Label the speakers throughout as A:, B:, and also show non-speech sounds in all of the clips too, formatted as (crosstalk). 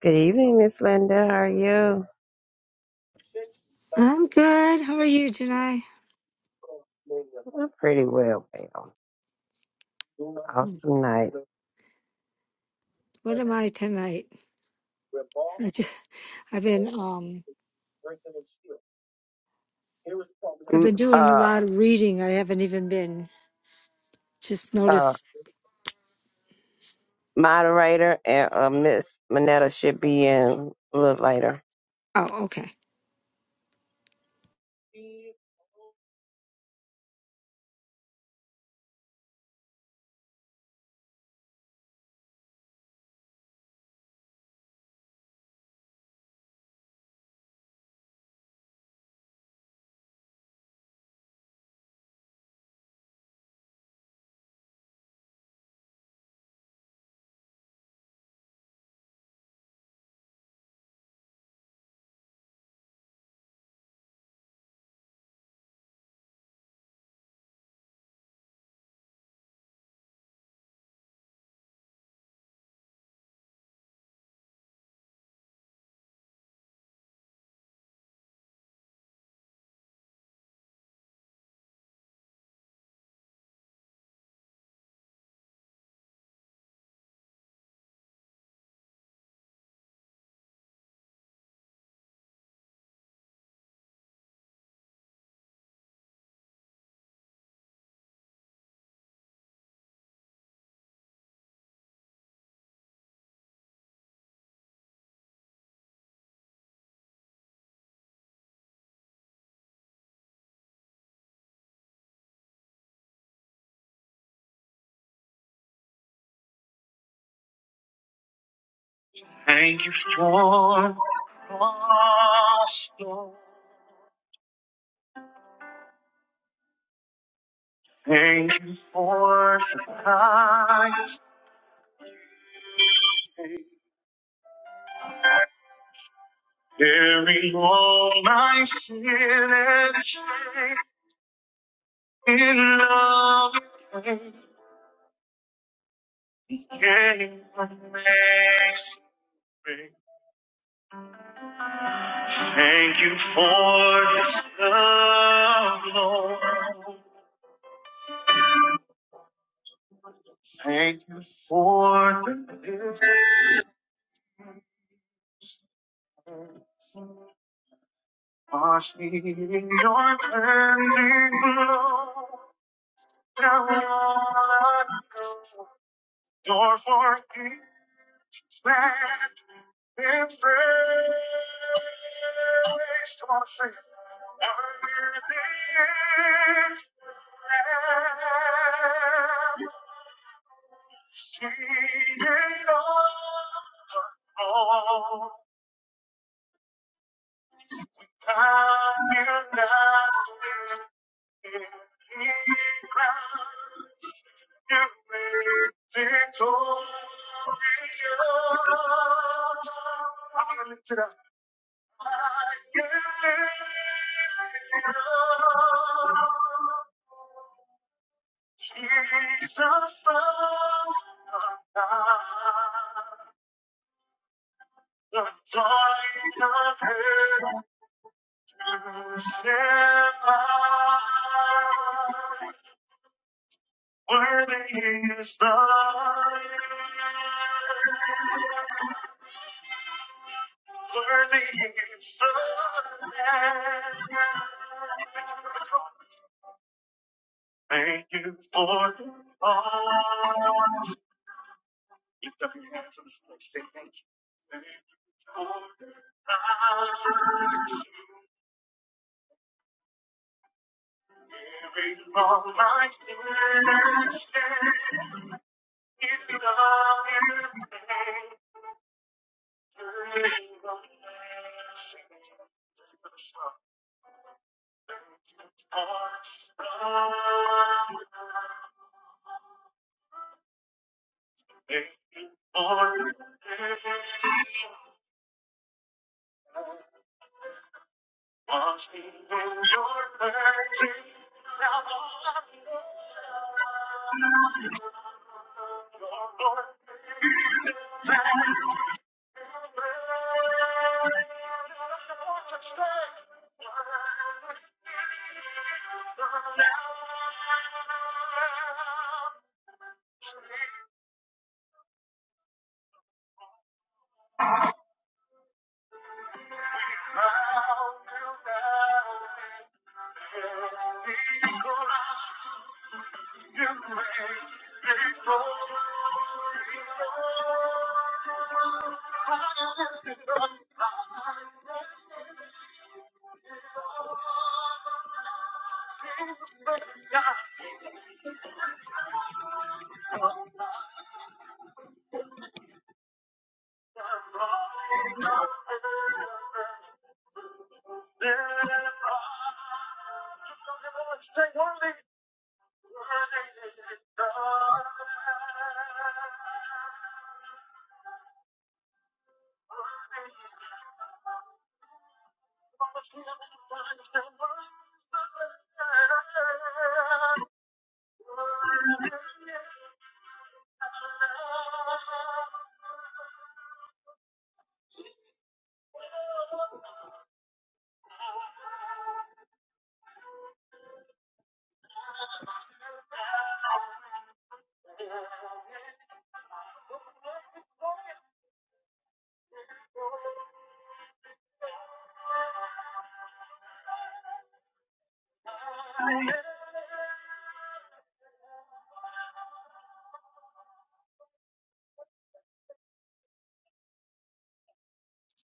A: Good evening, Miss Linda. How are you?
B: I'm good. How are you, Janai?
A: I'm pretty well, ma'am.
B: Mm.
A: Awesome night.
B: What am I tonight? I just, (laughs) I've been um I've
A: M-
B: been doing a
A: Uh,
B: lot of reading. I haven't even been just
A: uh,
B: noticed.
A: moderator and uh, Miss Minetta should be in a little later.
B: Oh, okay.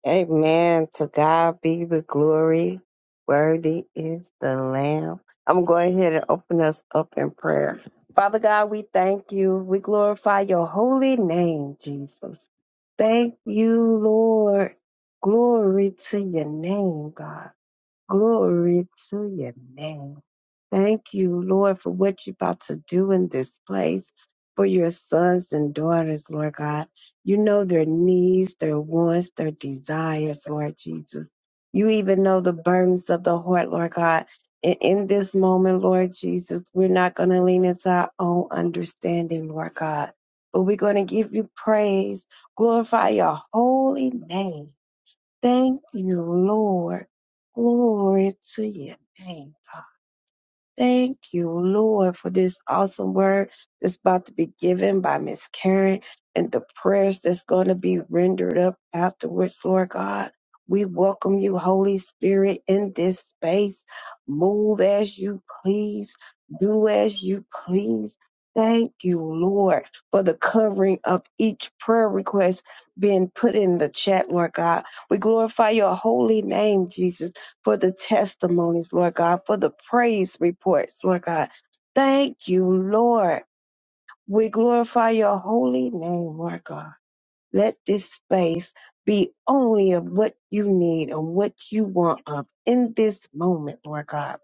A: Amen. To God be the glory. Worthy is the Lamb. I'm going ahead and open us up in prayer. Father God, we thank you. We glorify your holy name, Jesus. Thank you, Lord. Glory to your name, God. Glory to your name. Thank you, Lord, for what you're about to do in this place for your sons and daughters, Lord God. You know their needs, their wants, their desires, Lord Jesus. You even know the burdens of the heart, Lord God. And in this moment, Lord Jesus, we're not going to lean into our own understanding, Lord God, but we're going to give you praise, glorify your holy name. Thank you, Lord. Glory to your name, God. Thank you, Lord, for this awesome word that's about to be given by Miss Karen and the prayers that's going to be rendered up afterwards, Lord God. We welcome you, Holy Spirit, in this space. Move as you please, do as you please. Thank you, Lord, for the covering of each prayer request being put in the chat, Lord God. We glorify your holy name, Jesus for the testimonies, Lord God, for the praise reports, Lord God. Thank you, Lord. We glorify your holy name, Lord God. Let this space be only of what you need and what you want of in this moment, Lord God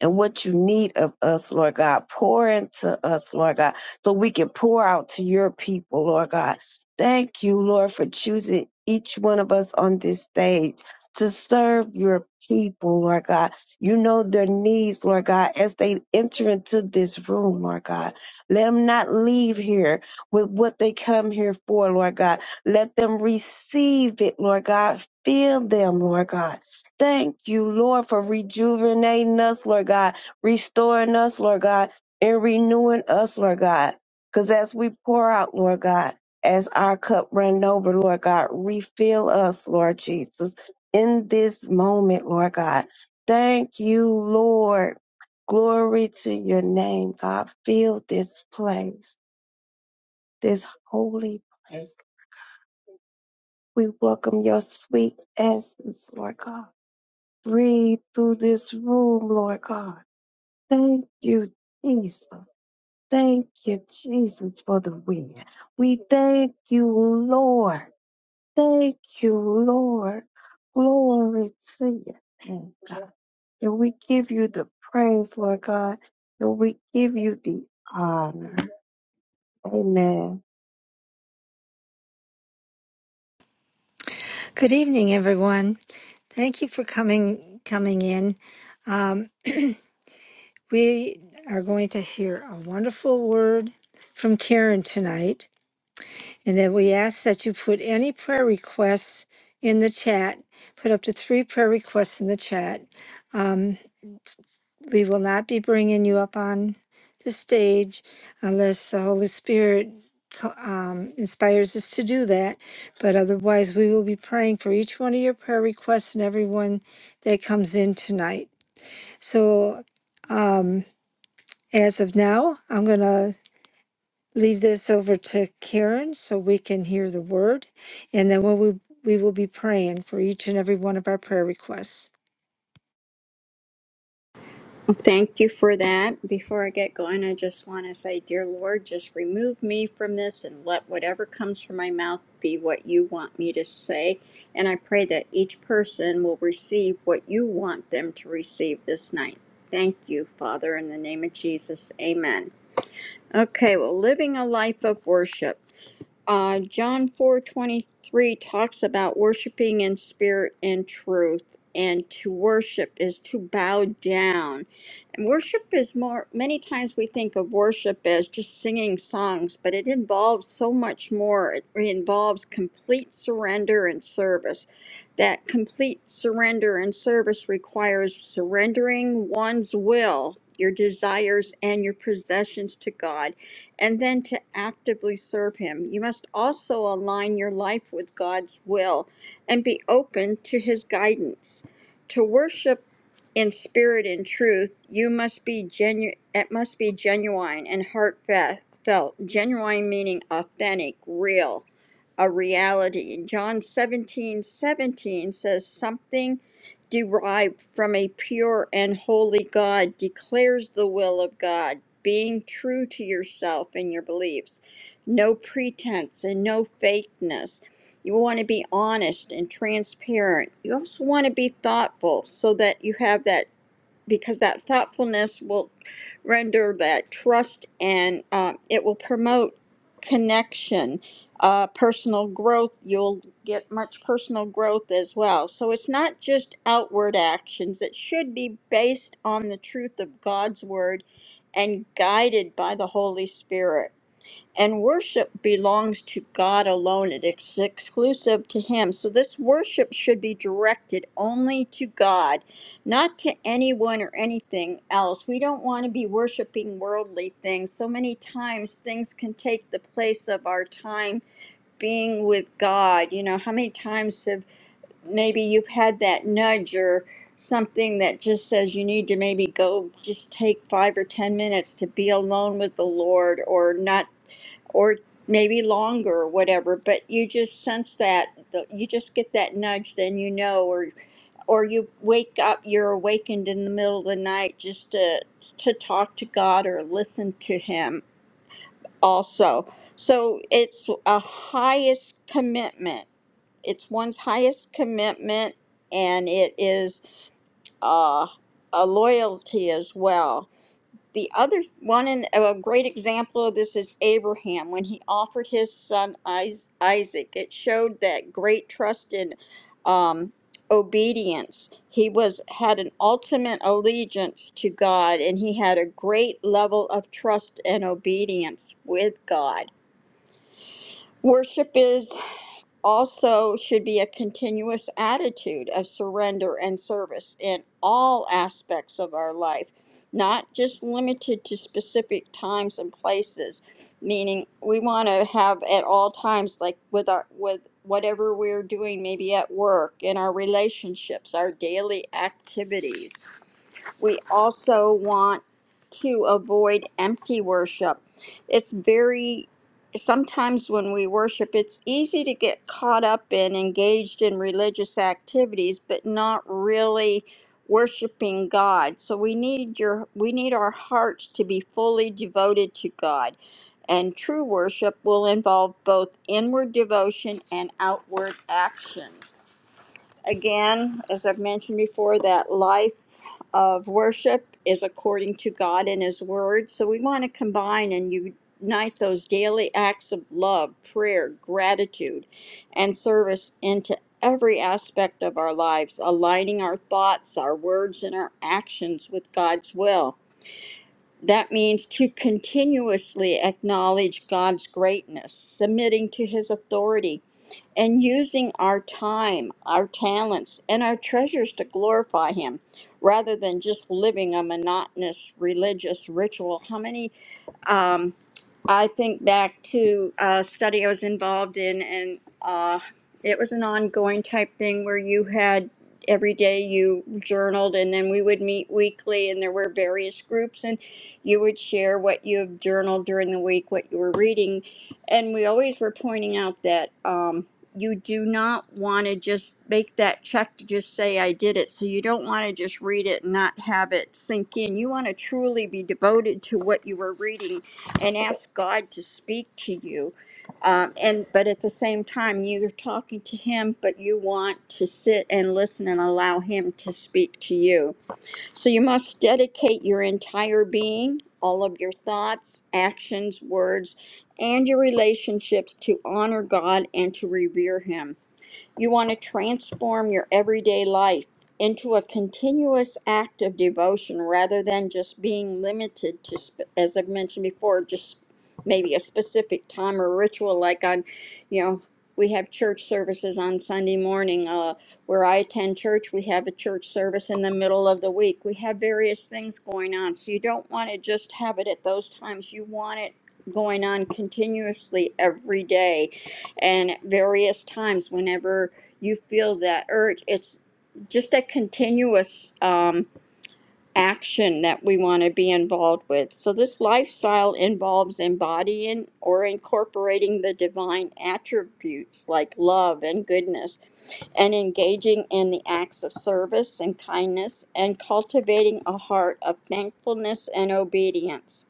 A: and what you need of us, Lord God. Pour into us, Lord God, so we can pour out to your people, Lord God. Thank you, Lord, for choosing each one of us on this stage to serve your people, Lord God. You know their needs, Lord God, as they enter into this room, Lord God. Let them not leave here with what they come here for, Lord God. Let them receive it, Lord God. Fill them, Lord God Thank you, Lord, for rejuvenating us, Lord God, restoring us, Lord God, and renewing us, Lord God. Because as we pour out, Lord God, as our cup run over, Lord God, refill us, Lord Jesus, in this moment, Lord God. Thank you, Lord. Glory to your name, God. Fill this place, this holy place. We welcome your sweet essence, Lord God. breathe through this room, Lord God. Thank you, Jesus. Thank you, Jesus, for the wind. We thank you, Lord. Thank you, Lord. Glory to your name, God. And we give you the praise, Lord God. And we give you the honor. Amen.
B: Good evening, everyone. Thank you for coming coming in. Um, (clears throat) we are going to hear a wonderful word from Karen tonight, and then we ask that you put any prayer requests in the chat. Put up to three prayer requests in the chat. Um, We will not be bringing you up on the stage unless the Holy Spirit co- um, inspires us to do that. But otherwise, we will be praying for each one of your prayer requests and everyone that comes in tonight. So, um, as of now, I'm going to leave this over to Karen so we can hear the word. And then we'll, we we will be praying for each and every one of our prayer requests.
C: Thank you for that. Before I get going, I just want to say, Dear Lord, just remove me from this and let whatever comes from my mouth be what you want me to say. And I pray that each person will receive what you want them to receive this night. Thank you, Father, in the name of Jesus. Amen. Okay, well, living a life of worship. Uh, John four twenty three talks about worshiping in spirit and truth, and to worship is to bow down. And worship is more. Many times we think of worship as just singing songs, but it involves so much more. It involves complete surrender and service. That complete surrender and service requires surrendering one's will, your desires, and your possessions to God and then to actively serve Him. You must also align your life with God's will and be open to His guidance. To worship in spirit and truth, you must be genu- it must be genuine and heartfelt. Genuine meaning authentic, real, a reality. John 17 17 says, Something derived from a pure and holy God declares the will of God being true to yourself and your beliefs. No pretense and no fakeness. You want to be honest and transparent. You also want to be thoughtful so that you have that because that thoughtfulness will render that trust and uh, it will promote connection, uh, personal growth. You'll get much personal growth as well. So it's not just outward actions, it should be based on the truth of God's word and guided by the Holy Spirit and worship belongs to God alone. It's exclusive to Him. So this worship should be directed only to God, not to anyone or anything else. We don't want to be worshiping worldly things. So many times things can take the place of our time being with God. You know, how many times have maybe you've had that nudge or something that just says you need to maybe go just take five or ten minutes to be alone with the Lord or not or maybe longer or whatever but you just sense that the- you just get that nudge then you know or or you wake up you're awakened in the middle of the night just to to talk to god or listen to him also so it's a highest commitment it's one's highest commitment and it is uh, a loyalty as well the other one, and a great example of this is Abraham when he offered his son Isaac. It showed that great trust in um, obedience. He was had an ultimate allegiance to God, and he had a great level of trust and obedience with God. Worship is also should be a continuous attitude of surrender and service in all aspects of our life, not just limited to specific times and places. Meaning, we want to have at all times, like with our with whatever we're doing, maybe at work, in our relationships, our daily activities. We also want to avoid empty worship. It's very, sometimes when we worship, it's easy to get caught up and engaged in religious activities, but not really worshiping God. So we need your we need our hearts to be fully devoted to God. And true worship will involve both inward devotion and outward actions. Again, as I've mentioned before, that life of worship is according to God and His Word. So we want to combine and unite those daily acts of love, prayer, gratitude, and service into every aspect of our lives, aligning our thoughts, our words, and our actions with God's will. That means to continuously acknowledge God's greatness, submitting to His authority, and using our time, our talents, and our treasures to glorify Him rather than just living a monotonous religious ritual. How many, um, I think back to a study I was involved in, and uh, it was an ongoing type thing where you had every day you journaled, and then we would meet weekly, and there were various groups, and you would share what you have journaled during the week, what you were reading. And we always were pointing out that. Um, you do not want to just make that check to just say I did it. So you don't want to just read it and not have it sink in. You want to truly be devoted to what you were reading and ask God to speak to you. Um, and but at the same time, you're talking to Him, but you want to sit and listen and allow Him to speak to you. So you must dedicate your entire being, all of your thoughts, actions, words, and your relationships to honor God and to revere Him. You want to transform your everyday life into a continuous act of devotion rather than just being limited to, sp- as I've mentioned before, just maybe a specific time or ritual like on, you know, we have church services on Sunday morning. Uh, where I attend church, we have a church service in the middle of the week. We have various things going on. So you don't want to just have it at those times. You want it going on continuously every day and at various times whenever you feel that urge it's just a continuous um, action that we want to be involved with so this lifestyle involves embodying or incorporating the divine attributes like love and goodness and engaging in the acts of service and kindness and cultivating a heart of thankfulness and obedience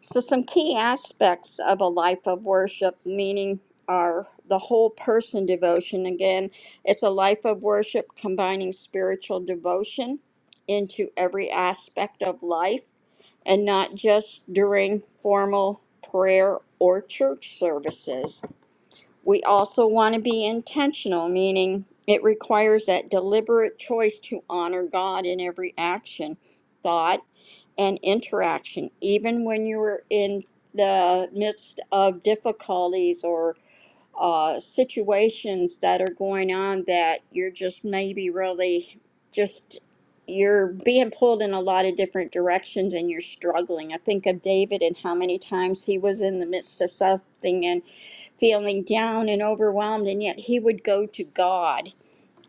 C: so, some key aspects of a life of worship, meaning are the whole person devotion. Again, it's a life of worship combining spiritual devotion into every aspect of life and not just during formal prayer or church services. We also want to be intentional, meaning it requires that deliberate choice to honor God in every action, thought, and interaction, even when you're in the midst of difficulties or uh, situations that are going on that you're just maybe really just you're being pulled in a lot of different directions and you're struggling. I think of David and how many times he was in the midst of something and feeling down and overwhelmed, and yet he would go to God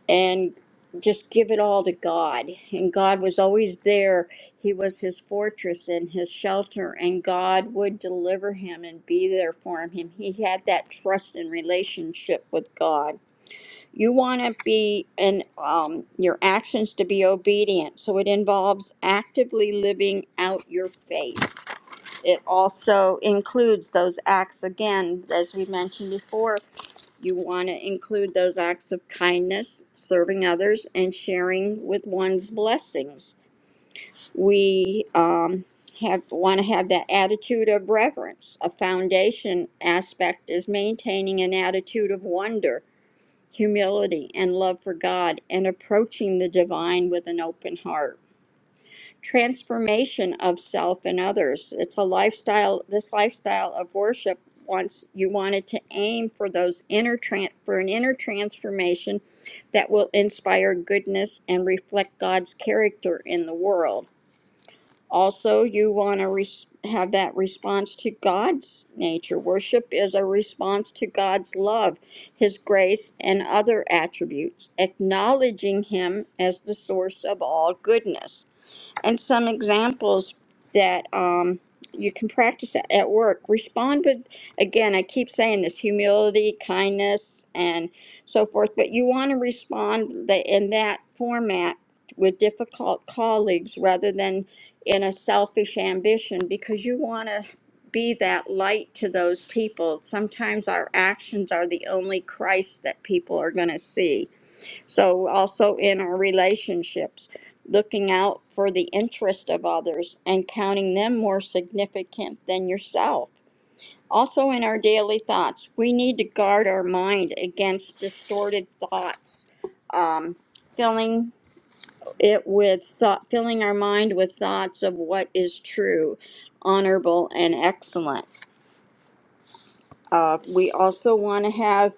C: and just give it all to God. And God was always there. He was his fortress and his shelter, and God would deliver him and be there for him. He had that trust and relationship with God. You want to be and um, your actions to be obedient. So it involves actively living out your faith. It also includes those acts again, as we mentioned before, you want to include those acts of kindness, serving others, and sharing with one's blessings. We um, have want to have that attitude of reverence. A foundation aspect is maintaining an attitude of wonder, humility, and love for God, and approaching the divine with an open heart transformation of self and others. It's a lifestyle, this lifestyle of worship Once you wanted to aim for those inner tran for an inner transformation that will inspire goodness and reflect God's character in the world. Also, you want to res- have that response to God's nature. Worship is a response to God's love, His grace, and other attributes, acknowledging Him as the source of all goodness and some examples that um, you can practice at at work. Respond with, again, I keep saying this humility, kindness, and so forth, but you want to respond tha- in that format with difficult colleagues rather than in a selfish ambition because you want to be that light to those people. Sometimes our actions are the only Christ that people are going to see so, also in our relationships, looking out for the interest of others and counting them more significant than yourself. Also, in our daily thoughts, we need to guard our mind against distorted thoughts, um, filling it with thought, filling our mind with thoughts of what is true, honorable, and excellent uh, we also want to have,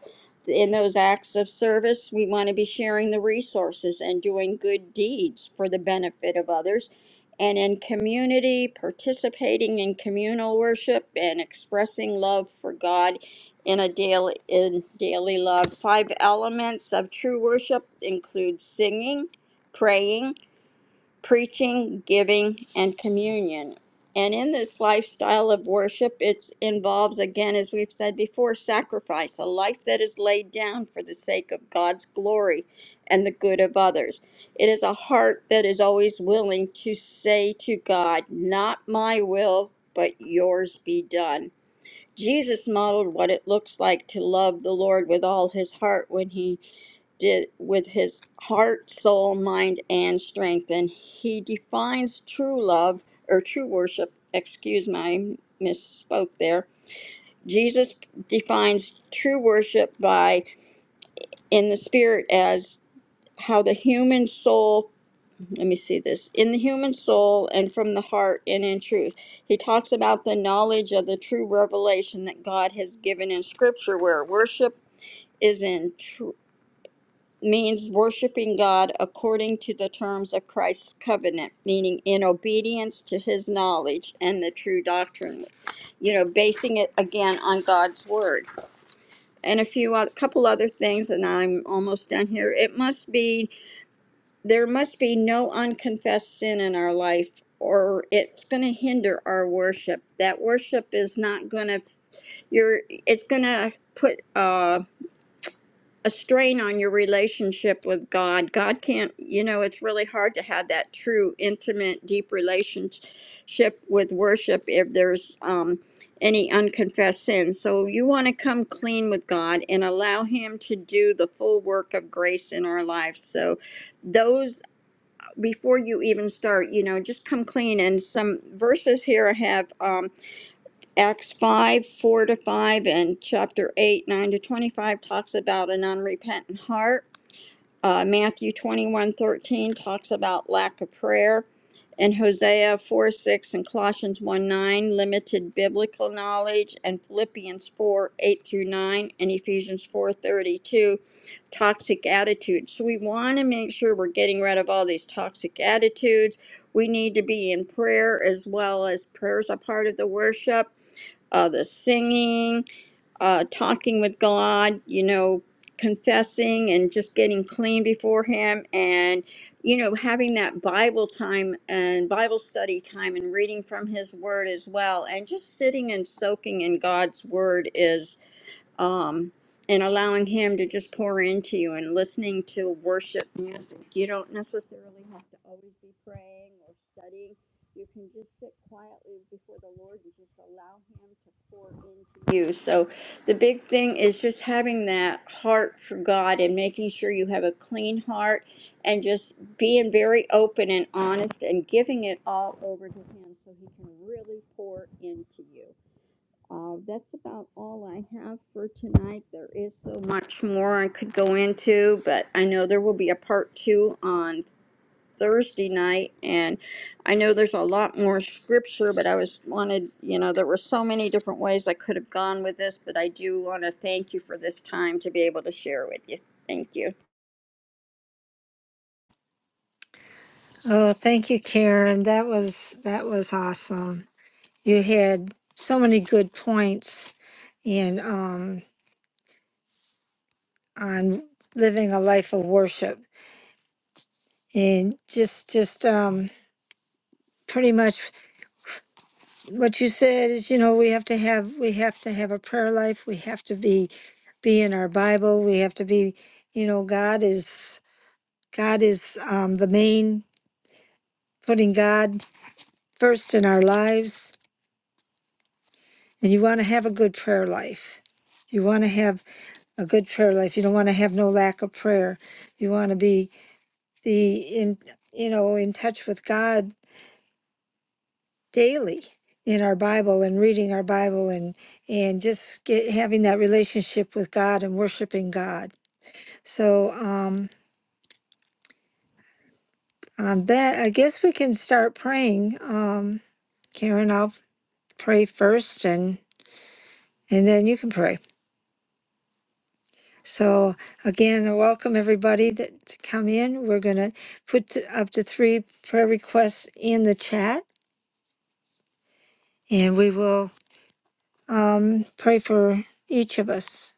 C: in those acts of service, we want to be sharing the resources and doing good deeds for the benefit of others. And in community, participating in communal worship and expressing love for God in a daily in daily love. Five elements of true worship include singing, praying preaching, giving, and communion. And in this lifestyle of worship, it involves, again, as we've said before, sacrifice, a life that is laid down for the sake of God's glory and the good of others. It is a heart that is always willing to say to God, Not my will, but yours be done. Jesus modeled what it looks like to love the Lord with all his heart when he did with his heart, soul, mind, and strength. And he defines true love or true worship. Excuse my misspoke there. Jesus defines true worship by in the spirit as how the human soul, let me see this, in the human soul and from the heart and in truth. He talks about the knowledge of the true revelation that God has given in scripture where worship is in truth means worshiping God according to the terms of Christ's covenant, meaning in obedience to his knowledge and the true doctrine. You know, basing it again on God's word. And a few a couple other things and I'm almost done here. It must be there must be no unconfessed sin in our life or it's going to hinder our worship. That worship is not going to you're it's going to put uh a strain on your relationship with God. God can't, you know, it's really hard to have that true, intimate, deep relationship with worship if there's um, any unconfessed sin. So you want to come clean with God and allow Him to do the full work of grace in our lives. So those, before you even start, you know, just come clean. And some verses here I have. um, Acts 5, 4 to 5, and chapter 8, 9 to 25 talks about an unrepentant heart. Uh, Matthew 21 13 talks about lack of prayer. And Hosea 4, 6 and Colossians 1, 9, limited biblical knowledge. And Philippians 4, 8 through 9, and Ephesians 4 32, toxic attitudes. So we want to make sure we're getting rid of all these toxic attitudes. We need to be in prayer as well as prayers a part of the worship uh, the singing, uh, talking with God, you know, confessing and just getting clean before Him, and you know, having that Bible time and Bible study time and reading from His Word as well, and just sitting and soaking in God's Word is um, and allowing Him to just pour into you and listening to worship music. You don't necessarily have to always be praying or studying. You can just sit quietly before the Lord and just allow Him to pour into you. So, the big thing is just having that heart for God and making sure you have a clean heart and just being very open and honest and giving it all over to Him so He can really pour into you. Uh, that's about all I have for tonight. There is so much more I could go into, but I know there will be a part two on Thursday night, and I know there's a lot more scripture, but I was wanted, you know, there were so many different ways I could have gone with this, but I do want to thank you for this time to be able to share with you. Thank you.
B: Oh, thank you, Karen. That was that was awesome. you had so many good points and um on living a life of worship and just just um pretty much what you said is you know we have to have we have to have a prayer life we have to be be in our bible we have to be you know god is god is um the main putting god first in our lives and you want to have a good prayer life you want to have a good prayer life you don't want to have no lack of prayer you want to be the in you know in touch with God daily in our Bible and reading our Bible and and just get, having that relationship with God and worshiping God. So um, on that, I guess we can start praying. Um, Karen, I'll pray first, and and then you can pray. So again, I welcome everybody that to come in. We're gonna put th- up to three prayer requests in the chat, and we will. um, pray for each of us.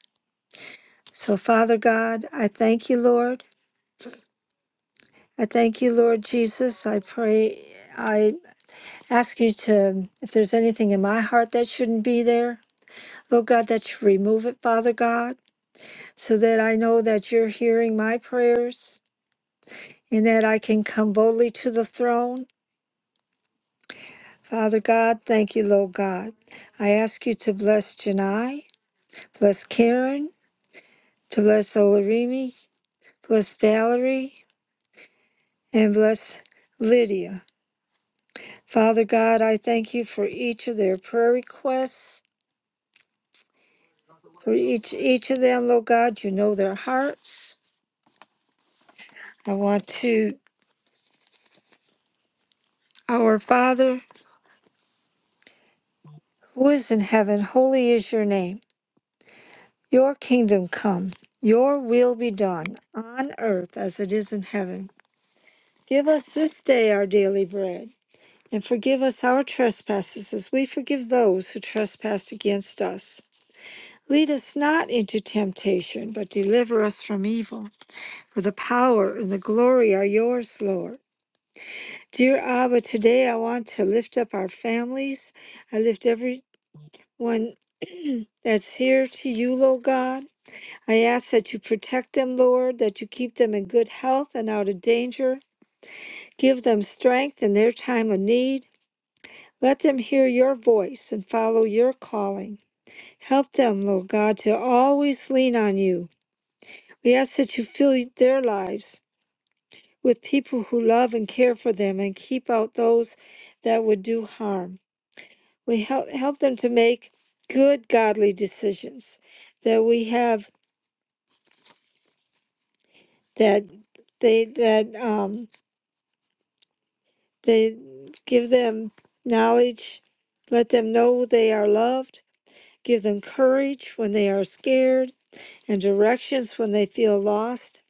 B: So, Father God, I thank you, Lord. I thank you, Lord Jesus. I pray, I ask you to, if there's anything in my heart that shouldn't be there, Lord God, that you remove it, Father God, so that I know that you're hearing my prayers and that I can come boldly to the throne. Father God, thank you, Lord God. I ask you to bless Janai, bless Karen, to bless Olarimi, bless Valerie, and bless Lydia. Father God, I thank you for each of their prayer requests, for each each of them, Lord God, you know their hearts. I want to our Father who is in heaven, holy is your name. Your kingdom come, your will be done on earth as it is in heaven. Give us this day our daily bread, and forgive us our trespasses as we forgive those who trespass against us Lead us not into temptation, but deliver us from evil. For the power and the glory are yours, Lord. Dear Abba, today I want to lift up our families. I lift everyone (clears throat) that's here to you, Lord God. I ask that you protect them, Lord, that you keep them in good health and out of danger. Give them strength in their time of need. Let them hear your voice and follow your calling. Help them, Lord God, to always lean on you We ask that you fill their lives with people who love and care for them and keep out those that would do harm. We help, help them to make good godly decisions that we have that they that um they give them knowledge, let them know they are loved, give them courage when they are scared and directions when they feel lost.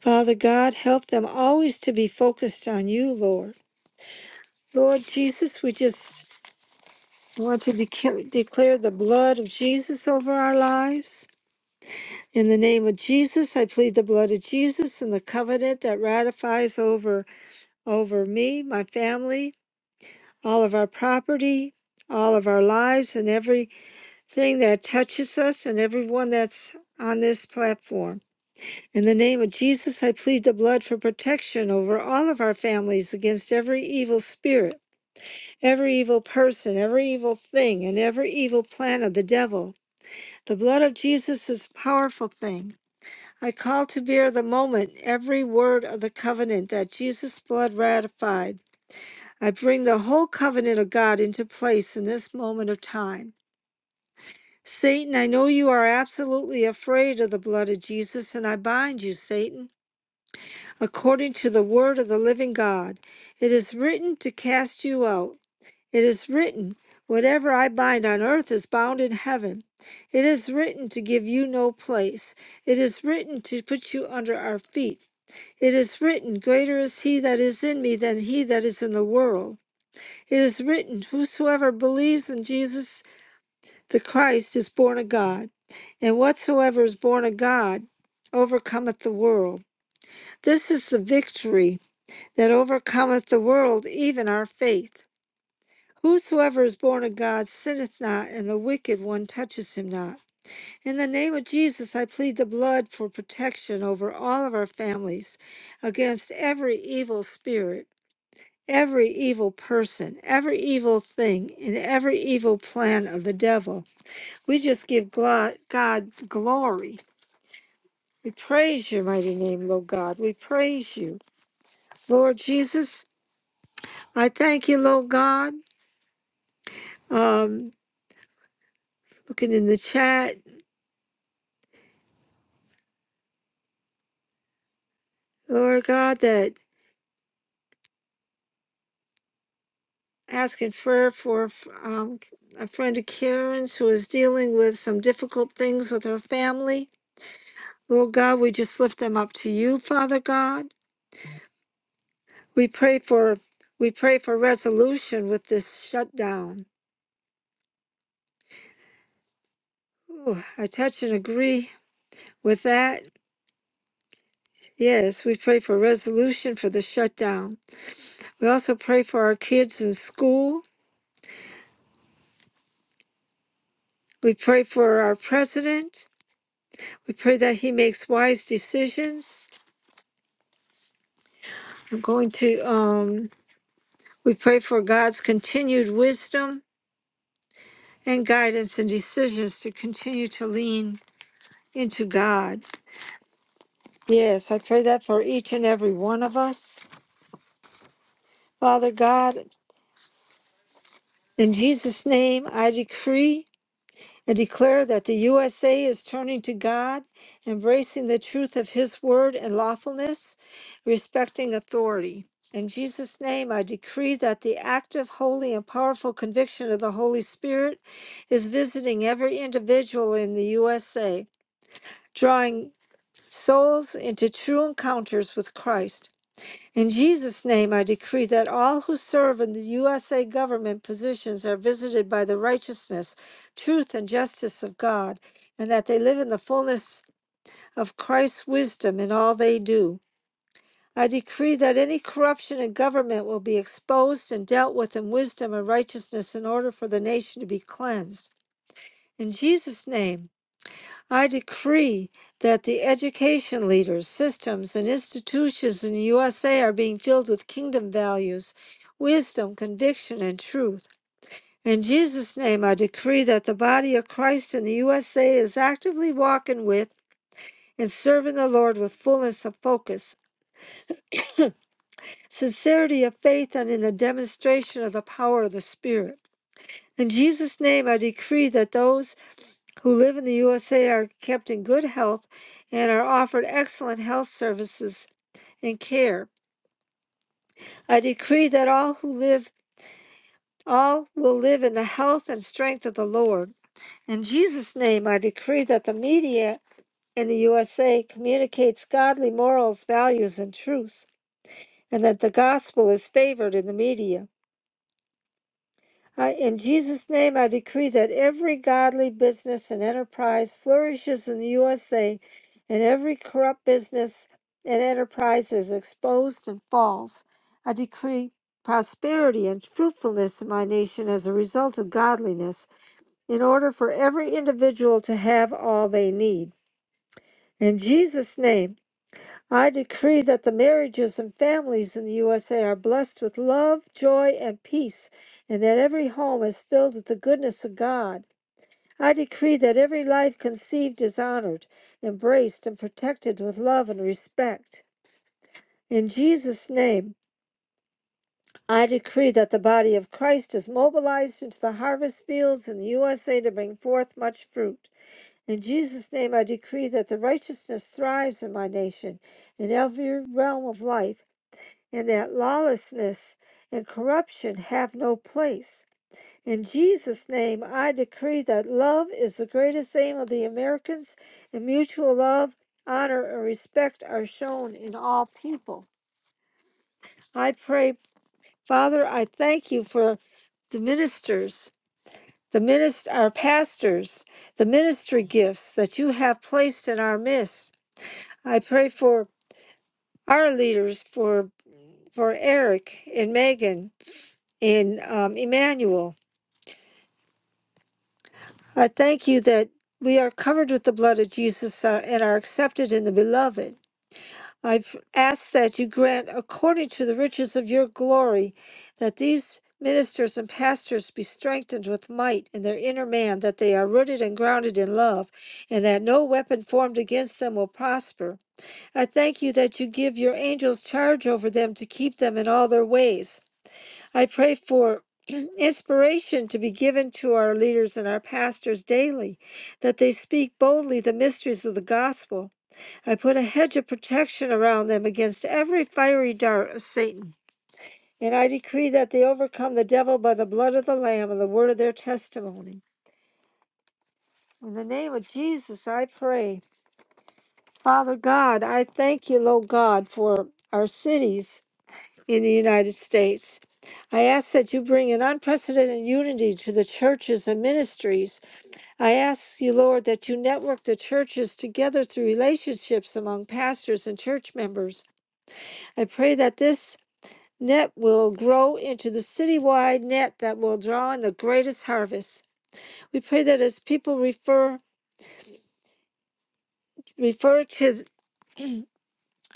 B: Father God, help them always to be focused on you, Lord Lord Jesus, we just want to dec- declare the blood of Jesus over our lives. In the name of Jesus, I plead the blood of Jesus and the covenant that ratifies over over me, my family, all of our property, all of our lives, and everything that touches us and everyone that's on this platform. In the name of Jesus, I plead the blood for protection over all of our families against every evil spirit. every evil person, every evil thing, and every evil plan of the devil. The blood of Jesus is a powerful thing. I call to bear the moment every word of the covenant that Jesus' blood ratified. I bring the whole covenant of God into place in this moment of time. Satan, I know you are absolutely afraid of the blood of Jesus, and I bind you, Satan, according to the word of the living God. It is written to cast you out. It is written, Whatever I bind on earth is bound in heaven. It is written to give you no place. It is written to put you under our feet. It is written, Greater is he that is in me than he that is in the world. It is written, Whosoever believes in Jesus the Christ is born of God. And whatsoever is born of God overcometh the world. This is the victory that overcometh the world, even our faith. Whosoever is born of God sinneth not, and the wicked one touches him not. In the name of Jesus, I plead the blood for protection over all of our families against every evil spirit, every evil person, every evil thing, and every evil plan of the devil. We just give glo- God glory. We praise your mighty name, Lord God. We praise you. Lord Jesus, I thank you, Lord God. Um, looking in the chat, Lord God, that. asking prayer for um, a friend of Karen's who is dealing with some difficult things with her family. Lord God, we just lift them up to you, Father God. We pray for we pray for resolution with this shutdown. Ooh, I touch and agree with that. Yes, we pray for resolution for the shutdown. We also pray for our kids in school. We pray for our president. We pray that he makes wise decisions. I'm going to um We pray for God's continued wisdom and guidance and decisions to continue to lean into God. Yes, I pray that for each and every one of us. Father God, in Jesus' name, I decree I declare that the USA is turning to God, embracing the truth of His word and lawfulness, respecting authority. In Jesus' name, I decree that the active, holy, and powerful conviction of the Holy Spirit is visiting every individual in the USA, drawing souls into true encounters with Christ. In Jesus' name, I decree that all who serve in the USA government positions are visited by the righteousness, truth, and justice of God, and that they live in the fullness of Christ's wisdom in all they do. I decree that any corruption in government will be exposed and dealt with in wisdom and righteousness in order for the nation to be cleansed. In Jesus' name, I decree that the education leaders, systems, and institutions in the USA are being filled with kingdom values, wisdom, conviction, and truth. In Jesus' name, I decree that the body of Christ in the USA is actively walking with and serving the Lord with fullness of focus, sincerity of faith, and in the demonstration of the power of the Spirit. In Jesus' name, I decree that those who live in the USA are kept in good health and are offered excellent health services and care. I decree that all who live, all will live in the health and strength of the Lord. In Jesus' name, I decree that the media in the USA communicates godly morals, values, and truths, and that the gospel is favored in the media. I, in Jesus' name, I decree that every godly business and enterprise flourishes in the USA, and every corrupt business and enterprise is exposed and falls. I decree prosperity and fruitfulness in my nation as a result of godliness, in order for every individual to have all they need. In Jesus' name, I decree that the marriages and families in the USA are blessed with love, joy, and peace, and that every home is filled with the goodness of God. I decree that every life conceived is honored, embraced, and protected with love and respect. In Jesus' name, I decree that the body of Christ is mobilized into the harvest fields in the USA to bring forth much fruit. In Jesus' name, I decree that the righteousness thrives in my nation in every realm of life. and that lawlessness and corruption have no place. In Jesus' name, I decree that love is the greatest aim of the Americans, and mutual love, honor, and respect are shown in all people. I pray, Father, I thank you for the ministers, the minister, our pastors, the ministry gifts that you have placed in our midst. I pray for our leaders, for for Eric and Megan and um, Emmanuel. I thank you that we are covered with the blood of Jesus uh, and are accepted in the beloved. I p- ask that you grant, according to the riches of your glory, that these ministers and pastors be strengthened with might in their inner man, that they are rooted and grounded in love, and that no weapon formed against them will prosper. I thank you that you give your angels charge over them to keep them in all their ways. I pray for (clears throat) inspiration to be given to our leaders and our pastors daily, that they speak boldly the mysteries of the gospel. I put a hedge of protection around them against every fiery dart of Satan. And I decree that they overcome the devil by the blood of the Lamb and the word of their testimony. In the name of Jesus, I pray. Father God, I thank you, Lord God, for our cities. in the United States. I ask that you bring an unprecedented unity to the churches and ministries. I ask you, Lord, that you network the churches together through relationships among pastors and church members. I pray that this net will grow into the citywide net that will draw in the greatest harvest. We pray that as people refer refer to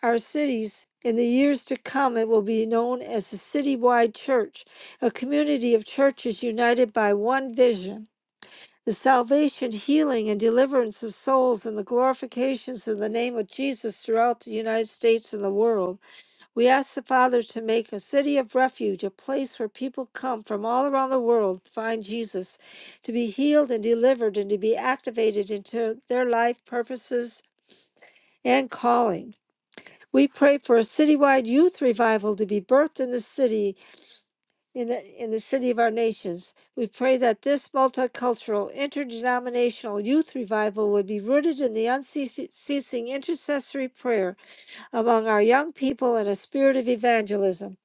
B: our cities. In the years to come, it will be known as the Citywide Church, a community of churches united by one vision the salvation, healing, and deliverance of souls, and the glorifications of the name of Jesus throughout the United States and the world. We ask the Father to make a city of refuge, a place where people come from all around the world to find Jesus, to be healed and delivered, and to be activated into their life purposes and calling. We pray for a citywide youth revival to be birthed in the city, in the, in the city of our nations. We pray that this multicultural, interdenominational youth revival would be rooted in the unceasing intercessory prayer among our young people and a spirit of evangelism.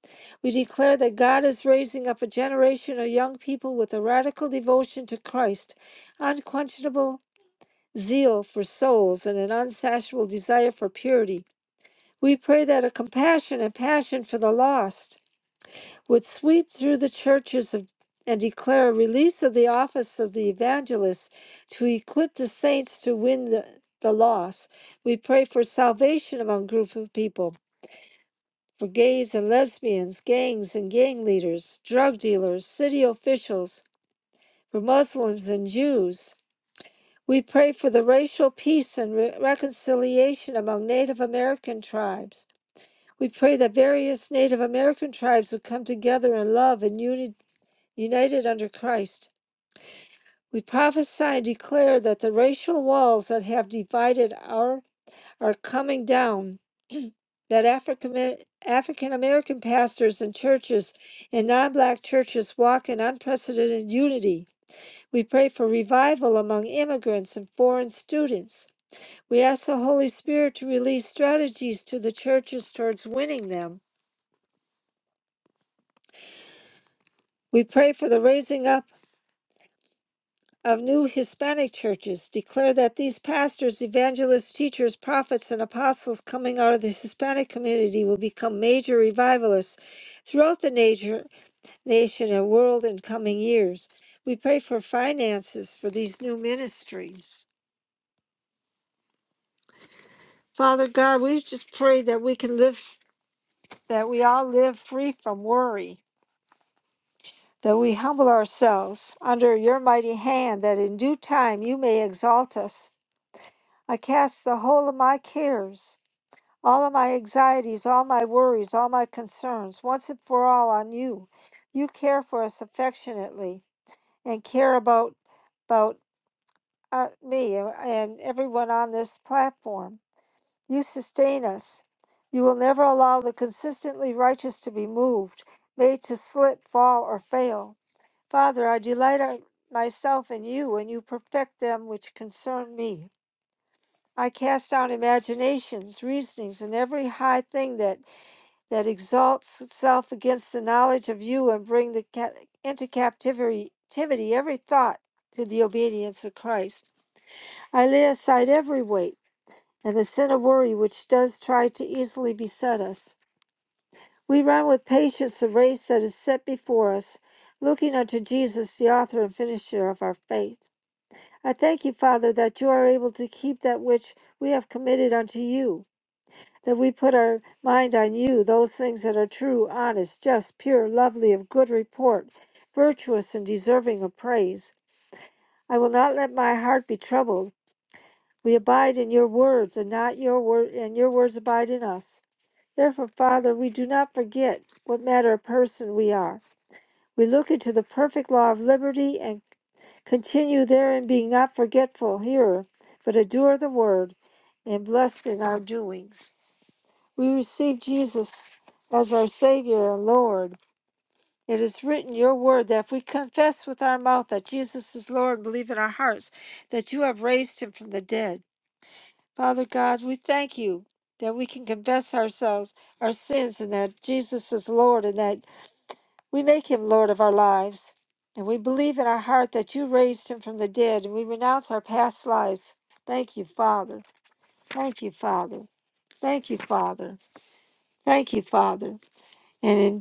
B: We declare that God is raising up a generation of young people with a radical devotion to Christ, unquenchable zeal for souls, and an unsatiable desire for purity. We pray that a compassion and passion for the lost would sweep through the churches of, and declare a release of the office of the evangelist to equip the saints to win the, the lost. We pray for salvation among groups of people, for gays and lesbians, gangs and gang leaders, drug dealers, city officials, for Muslims and Jews. We pray for the racial peace and re- reconciliation among Native American tribes. We pray that various Native American tribes would come together in love and uni- united under Christ. We prophesy and declare that the racial walls that have divided our are coming down, (clears throat) that African African American pastors and churches and non black churches walk in unprecedented unity. We pray for revival among immigrants and foreign students. We ask the Holy Spirit to release strategies to the churches towards winning them We pray for the raising up of new Hispanic churches. Declare that these pastors, evangelists, teachers, prophets, and apostles coming out of the Hispanic community will become major revivalists throughout the nation, nation and world in coming years. We pray for finances for these new ministries. Father God, we just pray that we can live, that we all live free from worry, that we humble ourselves under your mighty hand, that in due time you may exalt us I cast the whole of my cares, all of my anxieties, all my worries, all my concerns, once and for all on you. You care for us affectionately and care about about uh, me and and everyone on this platform. You sustain us. You will never allow the consistently righteous to be moved, made to slip, fall, or fail. Father, I delight our- myself in you, and you perfect them which concern me. I cast down imaginations, reasonings, and every high thing that, that exalts itself against the knowledge of you, and bring the cap- into captivity captivity every thought to the obedience of Christ. I lay aside every weight and the sin of worry which does try to easily beset us. We run with patience the race that is set before us, looking unto Jesus, the author and finisher of our faith. I thank you, Father, that you are able to keep that which we have committed unto you. that we put our mind on you, those things that are true, honest, just, pure, lovely, of good report, virtuous, and deserving of praise. I will not let my heart be troubled. We abide in your words, and not your word, and your words abide in us. Therefore, Father, we do not forget what manner of person we are. We look into the perfect law of liberty and continue therein, being not forgetful hearer, but a doer of the word, and blessed in our doings. We receive Jesus as our Savior and Lord. It is written, Your word, that if we confess with our mouth that Jesus is Lord, believe in our hearts that you have raised him from the dead. Father God, we thank you that we can confess ourselves, our sins, and that Jesus is Lord, and that we make him Lord of our lives. And we believe in our heart that you raised him from the dead, and we renounce our past lives. Thank you, Father. Thank you, Father. Thank you, Father. Thank you, Father. And in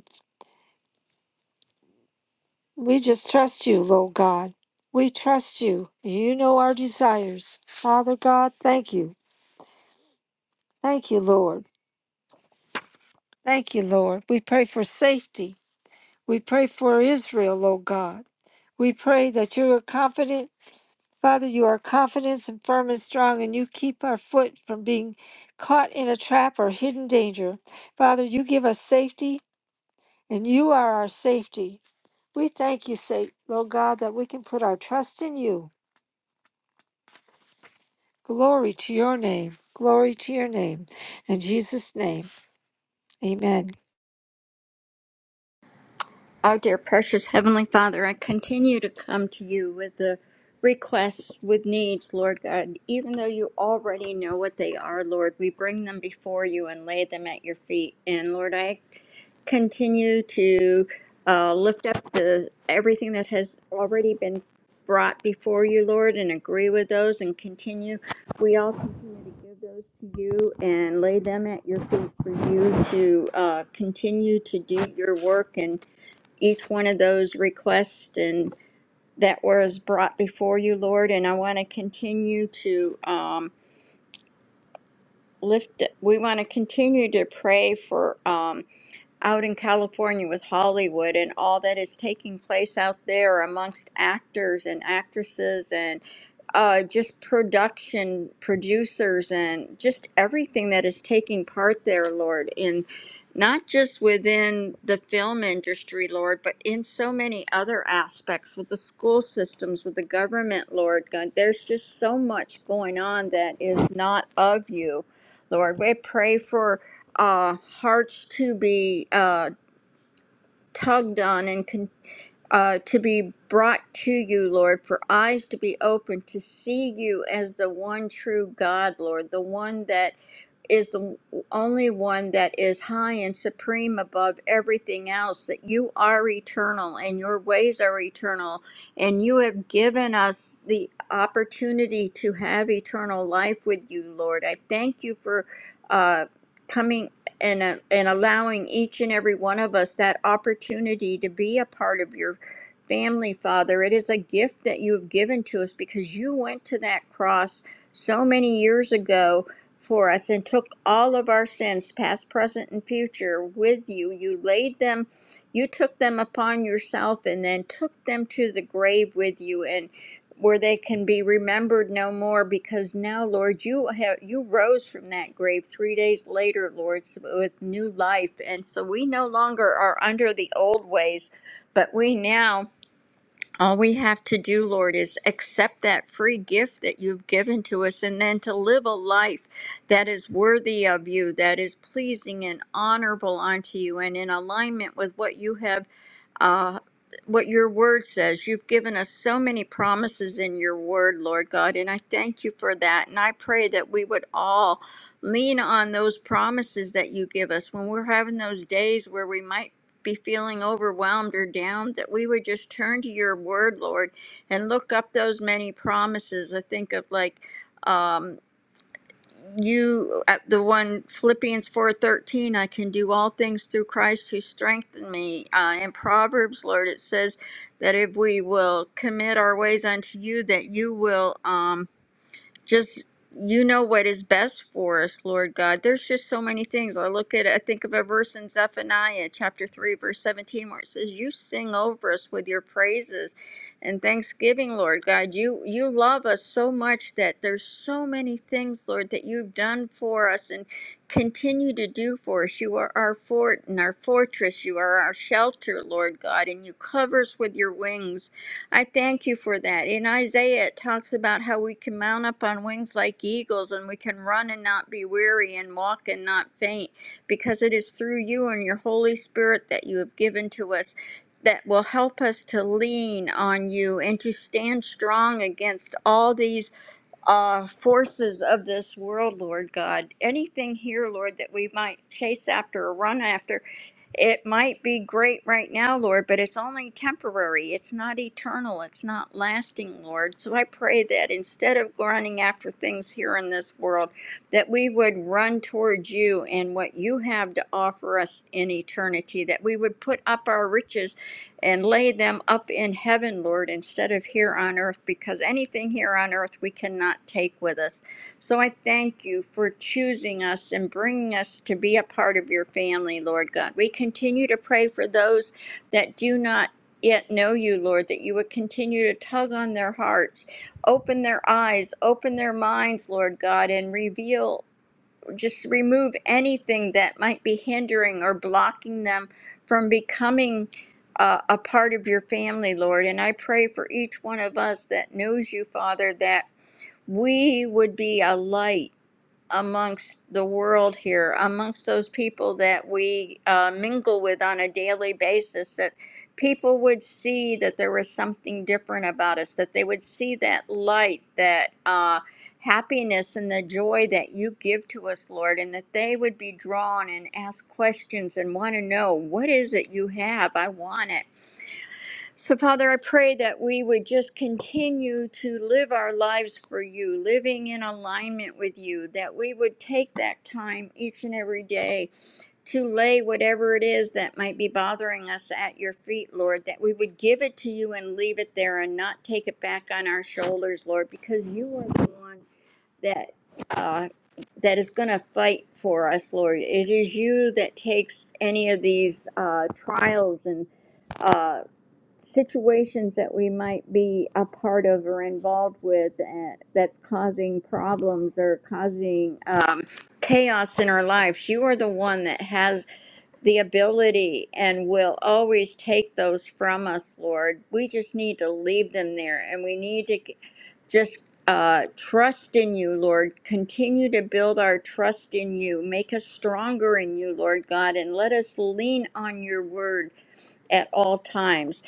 B: We just trust you, Lord God. We trust you. You know our desires. Father God, thank you. Thank you, Lord. Thank you, Lord. We pray for safety. We pray for Israel, Lord God. We pray that you are confident. Father, you are confident and firm and strong, and you keep our foot from being caught in a trap or hidden danger. Father, you give us safety, and you are our safety. We thank you, Sa- Lord God, that we can put our trust in you. Glory to your name. Glory to your name. In Jesus' name, amen.
C: Our dear precious Heavenly Father, I continue to come to you with the requests, with needs, Lord God. Even though you already know what they are, Lord, we bring them before you and lay them at your feet. And Lord, I continue to uh, lift up the everything that has already been brought before you, Lord, and agree with those and continue. We all continue to give those to you and lay them at your feet for you to uh, continue to do your work and each one of those requests and that was brought before you, Lord. And I want to continue to um, lift. We want to continue to pray for. Um, out in California with Hollywood and all that is taking place out there amongst actors and actresses and uh, just production producers and just everything that is taking part there, Lord, in not just within the film industry, Lord, but in so many other aspects with the school systems, with the government, Lord God. There's just so much going on that is not of you, Lord. We pray for uh, hearts to be uh, tugged on and con- uh, to be brought to you, Lord, for eyes to be opened to see you as the one true God, Lord, the one that is the only one that is high and supreme above everything else, that you are eternal and your ways are eternal, and you have given us the opportunity to have eternal life with you, Lord. I thank you for uh, coming and, uh, and allowing each and every one of us that opportunity to be a part of your family, Father. It is a gift that you have given to us because you went to that cross so many years ago for us and took all of our sins, past, present, and future, with you. You laid them, you took them upon yourself and then took them to the grave with you and where they can be remembered no more because now lord you have you rose from that grave 3 days later lord so- with new life and so we no longer are under the old ways but we now all we have to do, Lord, is accept that free gift that you've given to us and then to live a life that is worthy of you, that is pleasing and honorable unto you and in alignment with what you have uh what your word says. You've given us so many promises in your word, Lord God, and I thank you for that. And I pray that we would all lean on those promises that you give us when we're having those days where we might be feeling overwhelmed or down, that we would just turn to your word, Lord, and look up those many promises. I think of like um, you, uh, the one Philippians four thirteen. I can do all things through Christ who strengthened me. Uh, in Proverbs, Lord, it says that if we will commit our ways unto you, that you will. Um, just you know what is best for us, Lord God. There's just so many things. I look at I think of a verse in Zephaniah chapter 3 verse 17 where it says you sing over us with your praises and thanksgiving, Lord God. You you love us so much that there's so many things, Lord, that you've done for us and continue to do for us. You are our fort and our fortress. You are our shelter, Lord God, and you cover us with your wings. I thank you for that. In Isaiah, it talks about how we can mount up on wings like eagles and we can run and not be weary and walk and not faint because it is through you and your Holy Spirit that you have given to us that will help us to lean on you and to stand strong against all these uh, forces of this world, Lord God. Anything here, Lord, that we might chase after or run after, it might be great right now, Lord, but it's only temporary. It's not eternal. It's not lasting, Lord. So I pray that instead of running after things here in this world, that we would run towards you and what you have to offer us in eternity, that we would put up our riches and lay them up in heaven, Lord, instead of here on earth, because anything here on earth we cannot take with us. So I thank you for choosing us and bringing us to be a part of your family, Lord God. We continue to pray for those that do not. Yet know you, Lord, that you would continue to tug on their hearts, open their eyes, open their minds, Lord God, and reveal just remove anything that might be hindering or blocking them from becoming uh, a part of your family, Lord. And I pray for each one of us that knows you, Father, that we would be a light amongst the world here, amongst those people that we uh, mingle with on a daily basis, that people would see that there was something different about us, that they would see that light, that uh, happiness, and the joy that you give to us, Lord, and that they would be drawn and ask questions and want to know, What is it you have? I want it. So, Father, I pray that we would just continue to live our lives for you, living in alignment with you, that we would take that time each and every day to lay whatever it is that might be bothering us at your feet, Lord, that we would give it to you and leave it there and not take it back on our shoulders, Lord, because you are the one that. Uh, that is going to fight for us, Lord. It is you that takes any of these uh, trials and uh, situations that we might be a part of or involved with uh, that's causing problems or causing um, chaos in our lives, you are the one that has the ability and will always take those from us, Lord. We just need to leave them there and we need to c- just. Uh, trust in you, Lord. Continue to build our trust in you. Make us stronger in you, Lord God, and let us lean on your word at all times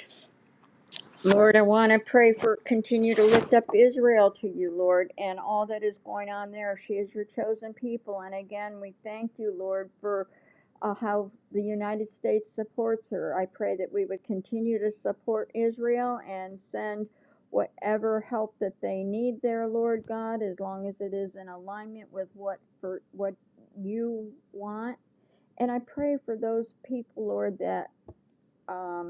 C: Lord, I want to pray for, continue to lift up Israel to you, Lord, and all that is going on there. She is your chosen people. And again, we thank you, Lord, for uh, how the United States supports her. I pray that we would continue to support Israel and send whatever help that they need there, Lord God, as long as it is in alignment with what, for, what you want. And I pray for those people, Lord, that. um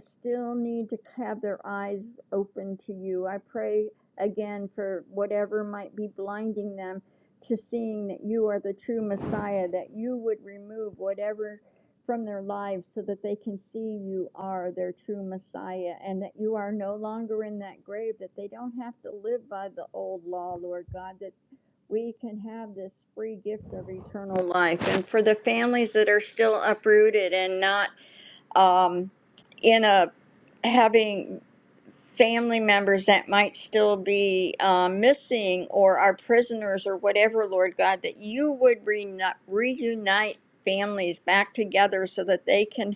C: still need to have their eyes open to you. I pray again for whatever might be blinding them to seeing that you are the true Messiah, that you would remove whatever from their lives so that they can see you are their true Messiah and that you are no longer in that grave, that they don't have to live by the old law, Lord God, that we can have this free gift of eternal life. And for the families that are still uprooted and not um, in a having family members that might still be um, missing or are prisoners or whatever, Lord God, that you would reuni- reunite families back together so that they can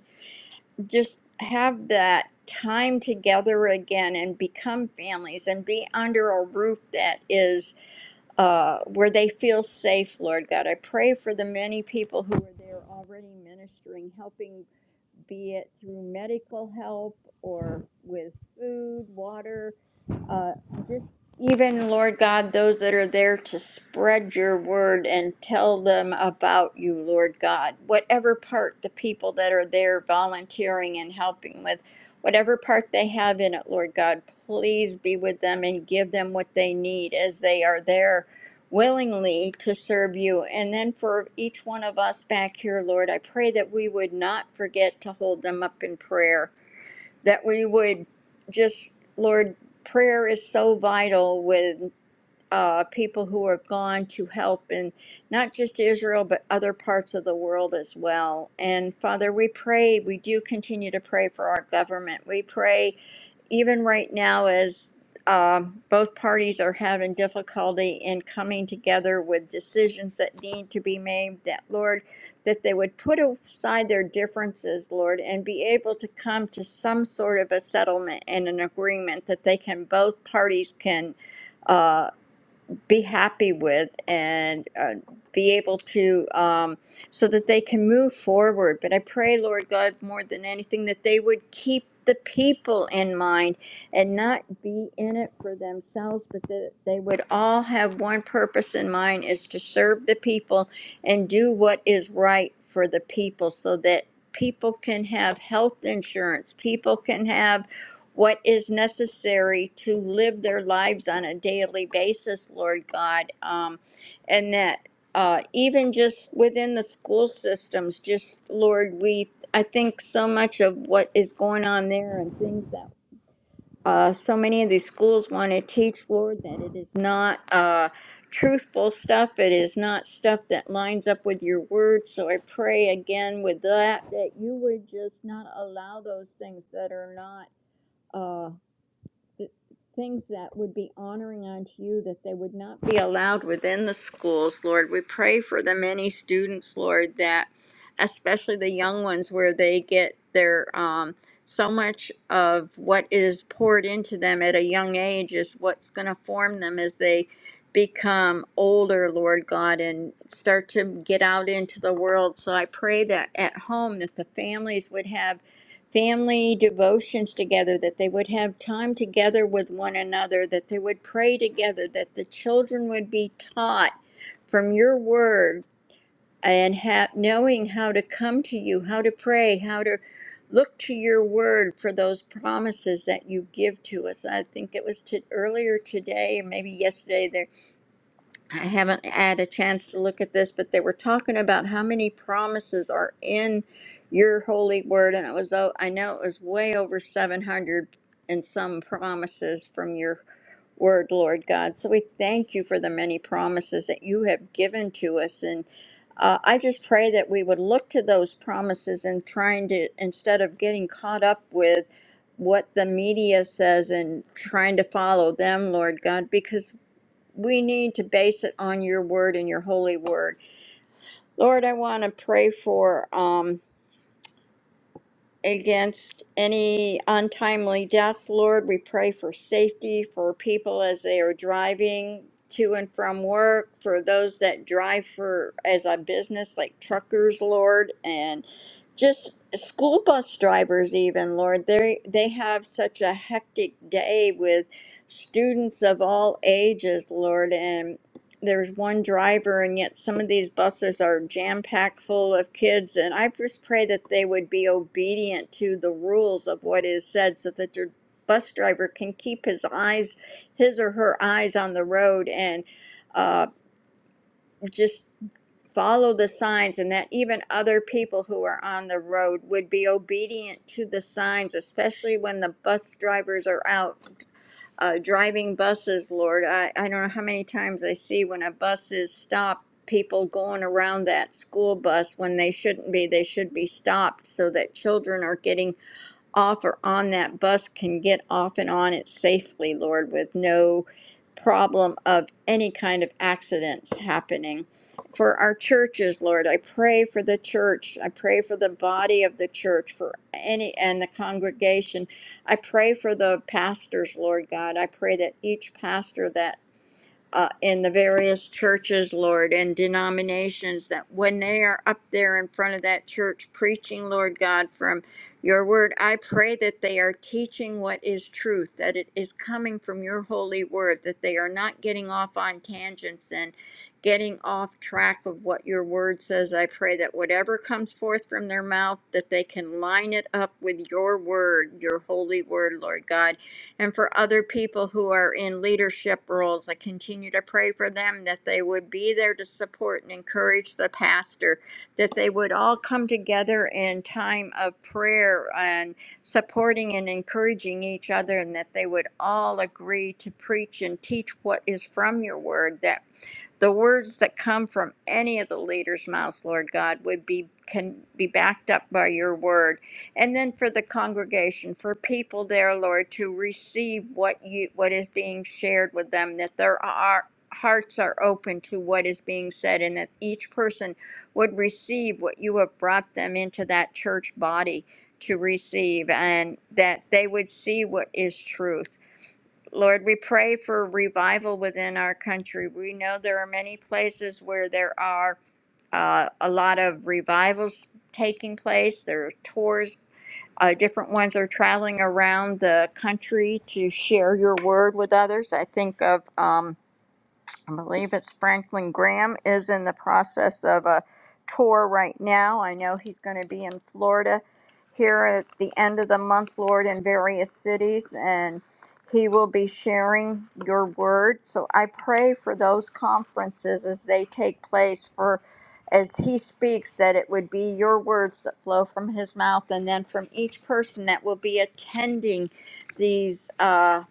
C: just have that time together again and become families and be under a roof that is uh, where they feel safe, Lord God. I pray for the many people who are there already ministering, helping be it through medical help or with food, water, uh, just even, Lord God, those that are there to spread your word and tell them about you, Lord God. Whatever part the people that are there volunteering and helping with, whatever part they have in it, Lord God, please be with them and give them what they need as they are there willingly to serve you. And then for each one of us back here, Lord, I pray that we would not forget to hold them up in prayer, that we would just, Lord, prayer is so vital with uh, people who are gone to help in not just Israel, but other parts of the world as well. And Father, we pray, we do continue to pray for our government. We pray even right now, as um, both parties are having difficulty in coming together with decisions that need to be made, that Lord, that they would put aside their differences, Lord, and be able to come to some sort of a settlement and an agreement that they can, both parties can. uh, be happy with and uh, be able to um, so that they can move forward but i pray lord god more than anything that they would keep the people in mind and not be in it for themselves but that they would all have one purpose in mind is to serve the people and do what is right for the people so that people can have health insurance people can have what is necessary to live their lives on a daily basis, Lord God, um, and that uh, even just within the school systems, just Lord, we I think so much of what is going on there and things that uh, so many of these schools want to teach, Lord, that it is not uh, truthful stuff. It is not stuff that lines up with your word. So I pray again with that that you would just not allow those things that are not. Uh, things that would be honoring unto you that they would not be allowed within the schools lord we pray for the many students lord that especially the young ones where they get their um so much of what is poured into them at a young age is what's going to form them as they become older lord god and start to get out into the world so i pray that at home that the families would have family devotions together, that they would have time together with one another, that they would pray together, that the children would be taught from your word and ha- knowing how to come to you, how to pray, how to look to your word for those promises that you give to us. I think it was to, earlier today, maybe yesterday, There. I haven't had a chance to look at this, but they were talking about how many promises are in your holy word, and it was o- I know it was way over seven hundred and some promises from your word, Lord God. So we thank you for the many promises that you have given to us, and uh, I just pray that we would look to those promises and trying to instead of getting caught up with what the media says and trying to follow them, Lord God, because we need to base it on your word and your holy word. Lord, I want to pray for um against any untimely deaths, Lord. We pray for safety for people as they are driving to and from work, for those that drive for as a business like truckers, Lord, and just school bus drivers even, Lord. They they have such a hectic day with students of all ages, Lord, and there's one driver and yet some of these buses are jam packed full of kids and i just pray that they would be obedient to the rules of what is said so that your bus driver can keep his eyes his or her eyes on the road and uh, just follow the signs and that even other people who are on the road would be obedient to the signs especially when the bus drivers are out uh, driving buses, Lord. I, I don't know how many times I see when a bus is stopped, people going around that school bus when they shouldn't be. They should be stopped so that children are getting off or on that bus can get off and on it safely, Lord, with no problem of any kind of accidents happening. For our churches, Lord, I pray for the church. I pray for the body of the church, for any and the congregation. I pray for the pastors, Lord God. I pray that each pastor that uh, in the various churches, Lord, and denominations that when they are up there in front of that church preaching, Lord God, from your word, I pray that they are teaching what is truth, that it is coming from your holy word, that they are not getting off on tangents and getting off track of what your word says. I pray that whatever comes forth from their mouth, that they can line it up with your word, your holy word, Lord God and for other people who are in leadership roles, I continue to pray for them that they would be there to support and encourage the pastor, that they would all come together in time of prayer and supporting and encouraging each other, and that they would all agree to preach and teach what is from your word, that the words that come from any of the leaders' mouths, Lord God, would be can be backed up by your word and then for the congregation, for people there, Lord, to receive what you what is being shared with them, that their our hearts are open to what is being said, and that each person would receive what you have brought them into that church body to receive, and that they would see what is truth. Lord, we pray for revival within our country. We know there are many places where there are uh, a lot of revivals taking place. There are tours uh, different ones are traveling around the country to share your word with others. I think of. Um, I believe it's Franklin Graham is in the process of a tour right now. I know he's going to be in Florida here at the end of the month, Lord, in various cities, and he will be sharing your word. So I pray for those conferences as they take place for as he speaks that it would be your words that flow from his mouth and then from each person that will be attending these Uh,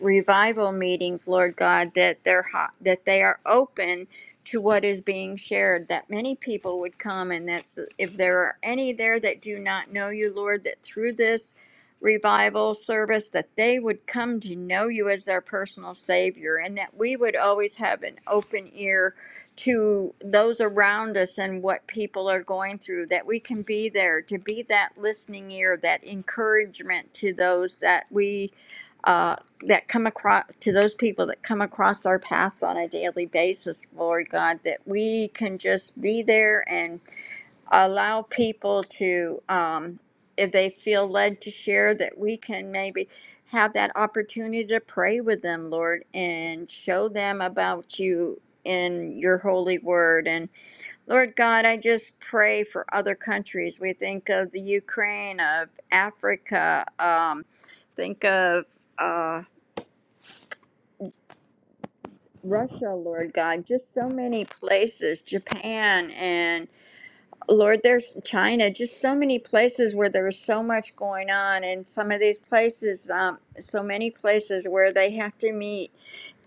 C: revival meetings, Lord God, that they're hot, that they are open to what is being shared, that many people would come, and that if there are any there that do not know you, Lord, that through this revival service that they would come to know you as their personal savior and that we would always have an open ear to those around us and what people are going through that we can be there to be that listening ear that encouragement to those that we uh, that come across to those people that come across our paths on a daily basis, Lord God, that we can just be there and allow people to, um, if they feel led to share, that we can maybe have that opportunity to pray with them, Lord, and show them about you in your holy word. And Lord God, I just pray for other countries. We think of the Ukraine, of Africa, um, think of. uh, Russia, Lord God, just so many places, Japan and Lord, there's China, just so many places where there's so much going on, and some of these places, um, so many places where they have to meet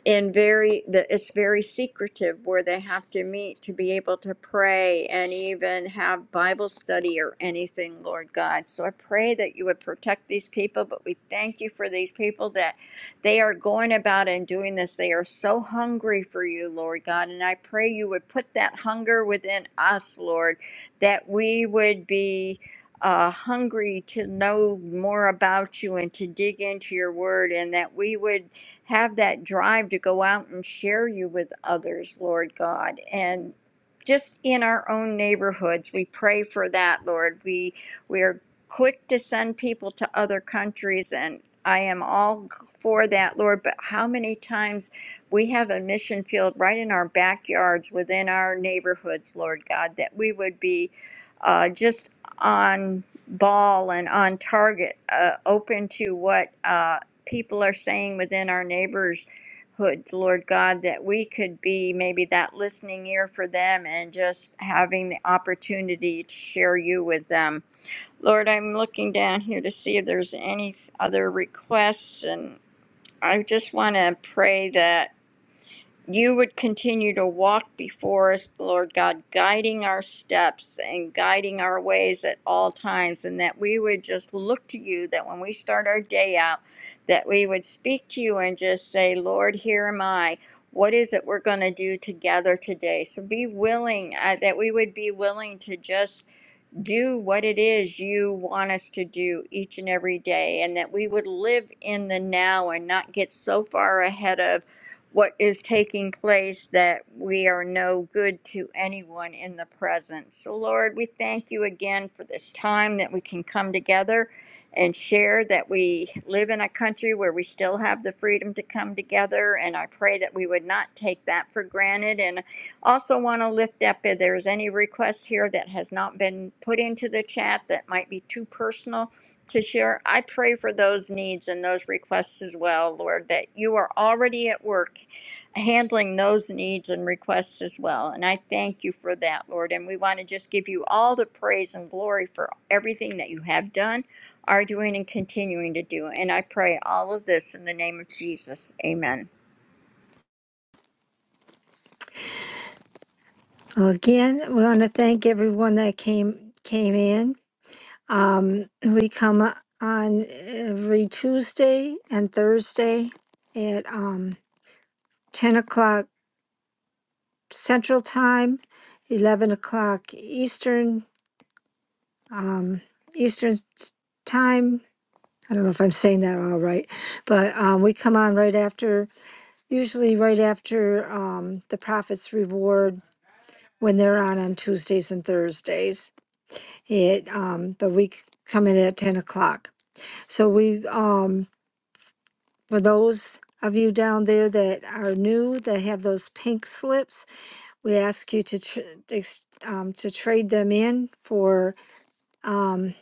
C: in very the, it's very secretive where they have to meet to be able to pray and even have bible study or anything lord god so i pray that you would protect these people but we thank you for these people that they are going about and doing this they are so hungry for you lord god and i pray you would put that hunger within us lord that we would be uh, hungry to know more about you and to dig into your word and that we would have that drive to go out and share you with others, Lord God. And just in our own neighborhoods, we pray for that, Lord. We we are quick to send people to other countries and I am all for that, Lord, but how many times we have a mission field right in our backyards within our neighborhoods, Lord God, that we would be uh, just on ball and on target, uh, open to what. Uh, people are saying within our neighborhood, Lord God, that we could be maybe that listening ear for them and just having the opportunity to share you with them. Lord, I'm looking down here to see if there's any other requests, and I just want to pray that. You would continue to walk before us, Lord God, guiding our steps and guiding our ways at all times, and that we would just look to you, that when we start our day out, that we would speak to you and just say, Lord, here am I. What is it we're going to do together today? So be willing, uh, that we would be willing to just do what it is you want us to do each and every day, and that we would live in the now and not get so far ahead of what is taking place that we are no good to anyone in the present. So, Lord, we thank you again for this time that we can come together and share that we live in a country where we still have the freedom to come together. And I pray that we would not take that for granted. And also want to lift up if there's any request here that has not been put into the chat that might be too personal to share. I pray for those needs and those requests as well, Lord, that you are already at work handling those needs and requests as well. And I thank you for that, Lord. And we want to just give you all the praise and glory for everything that you have done, are doing, and continuing to do. And I pray all of this in the name of Jesus. Amen.
B: Well, again, we want to thank everyone that came came in. Um, we come on every Tuesday and Thursday at um, ten o'clock Central Time, eleven o'clock Eastern um, Eastern s- Time. I don't know if I'm saying that all right, but um, we come on right after usually right after um, the Prophet's Reward when they're on on Tuesdays and Thursdays. It um, the week coming at ten o'clock. So we um, for those of you down there that are new that have those pink slips, we ask you to tr- ex- um, to trade them in for. Um,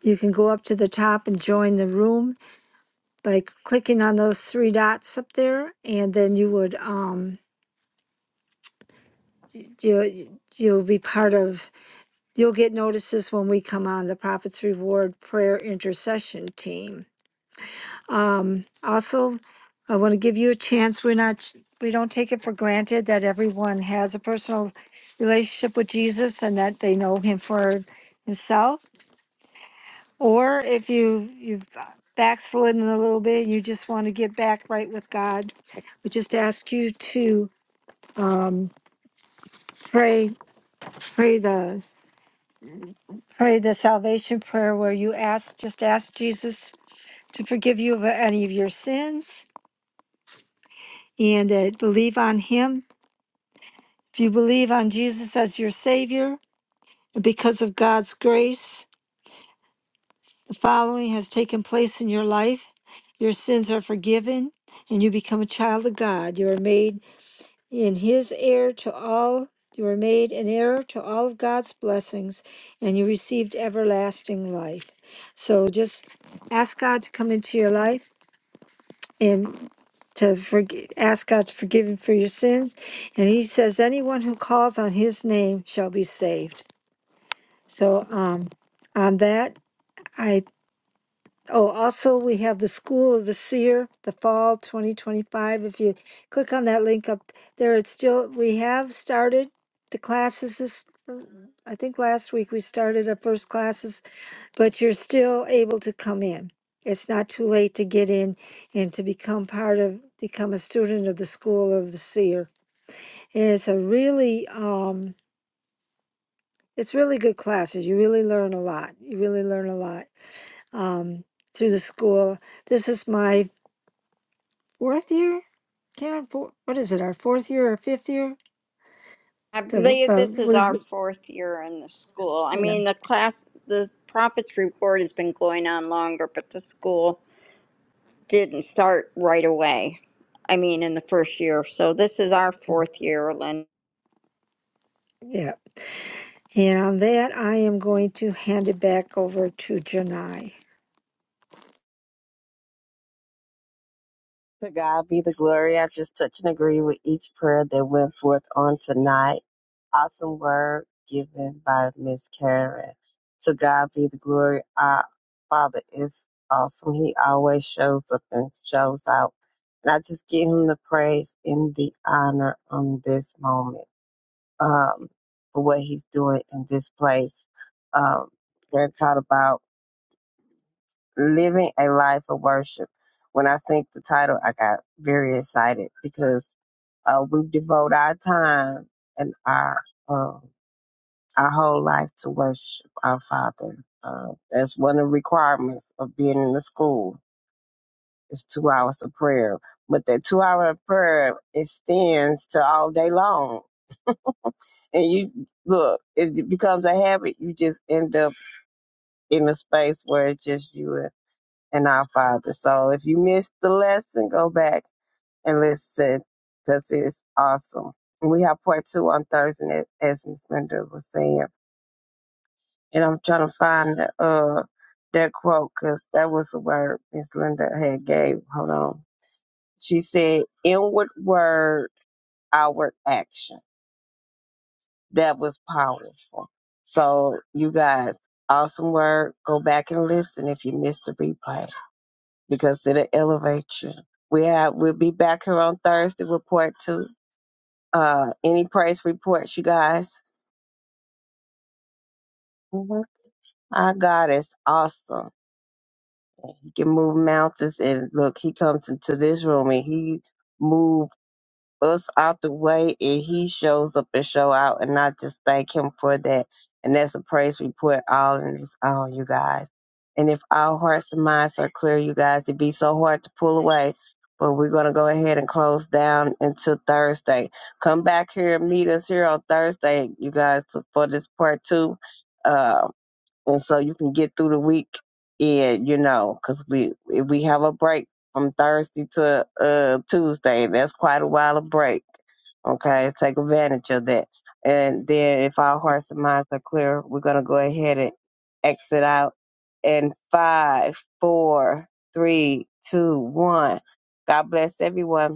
B: you can go up to the top and join the room by clicking on those three dots up there, and then you would um, you you'll be part of You'll get notices when we come on the Prophet's Reward Prayer Intercession Team. Um, also, I want to give you a chance. We're not, we don't take it for granted that everyone has a personal relationship with Jesus and that they know Him for Himself. Or if you you've backslidden a little bit, and you just want to get back right with God. We just ask you to um, pray, pray the pray the salvation prayer where you ask, just ask Jesus to forgive you of any of your sins and uh, believe on Him. If you believe on Jesus as your Savior, because of God's grace, the following has taken place in your life your sins are forgiven, and you become a child of God. You are made in His heir to all. You are made an heir to all of God's blessings, and you received everlasting life. So just ask God to come into your life and to forg ask God to forgive him for your sins. And he says, anyone who calls on his name shall be saved. So um, on that, I, oh, also we have the School of the Seer, the fall 2025. If you click on that link up there, it's still, we have started the classes this, I think last week we started our first classes but you're still able to come in. It's not too late to get in and to become part of, become a student of the School of the Seer. And it's a really, um, it's really good classes. You really learn a lot. You really learn a lot um, through the school. This is my fourth year, Karen. Four, what is it? Our fourth year or fifth year?
C: I
B: The,
C: believe this is our
B: the,
C: fourth year in the school. I
B: we-
C: mean,
B: yeah.
C: the class, the profits report has been going on longer, but the school didn't start right away. I mean, in the first year. So this is our fourth year, Lynn.
B: Yeah. And on that, I am going to hand it back over to Janai.
A: To God be the glory. I just touch and agree with each prayer that went forth on tonight. awesome word given by Miss Karen. To God be the glory. Our Father is awesome. He always shows up and shows out. And I just give him the praise and the honor on this moment um, for what he's doing in this place. Um, we're taught about living a life of worship. When I think the title, I got very excited because uh, we devote our time and our um, our whole life to worship our Father. Uh, that's one of the requirements of being in the school. It's two hours of prayer, but that two hour of prayer extends to all day long. And you look, it becomes a habit. You just end up in a space where it's just you and and our Father. So if you missed the lesson, go back and listen because it's awesome. And we have part two on Thursday, as as Miss Linda was saying. and I'm trying to find the, uh that quote because that was the word Miss Linda had gave. Hold on, she said, "Inward word, outward action." That was powerful. So you guys, awesome word. Go back and listen if you missed the replay because it'll elevate you. We have we'll be back here on Thursday. with part two. Uh, any praise reports, you guys? hmm Our God is awesome He can move mountains. And look, he comes into this room and he moves us out the way and he shows up and show out. And I just thank him for that. And that's a praise report all in its own, you guys. And if our hearts and minds are clear, you guys, it'd be so hard to pull away. But we're going to go ahead and close down until Thursday. Come back here and meet us here on Thursday, you guys, for this part two. Um, and so you can get through the week and you know because we if we have a break from thursday to uh tuesday that's quite a while of break okay take advantage of that and then if our hearts and minds are clear we're going to go ahead and exit out And five four three two one god bless everyone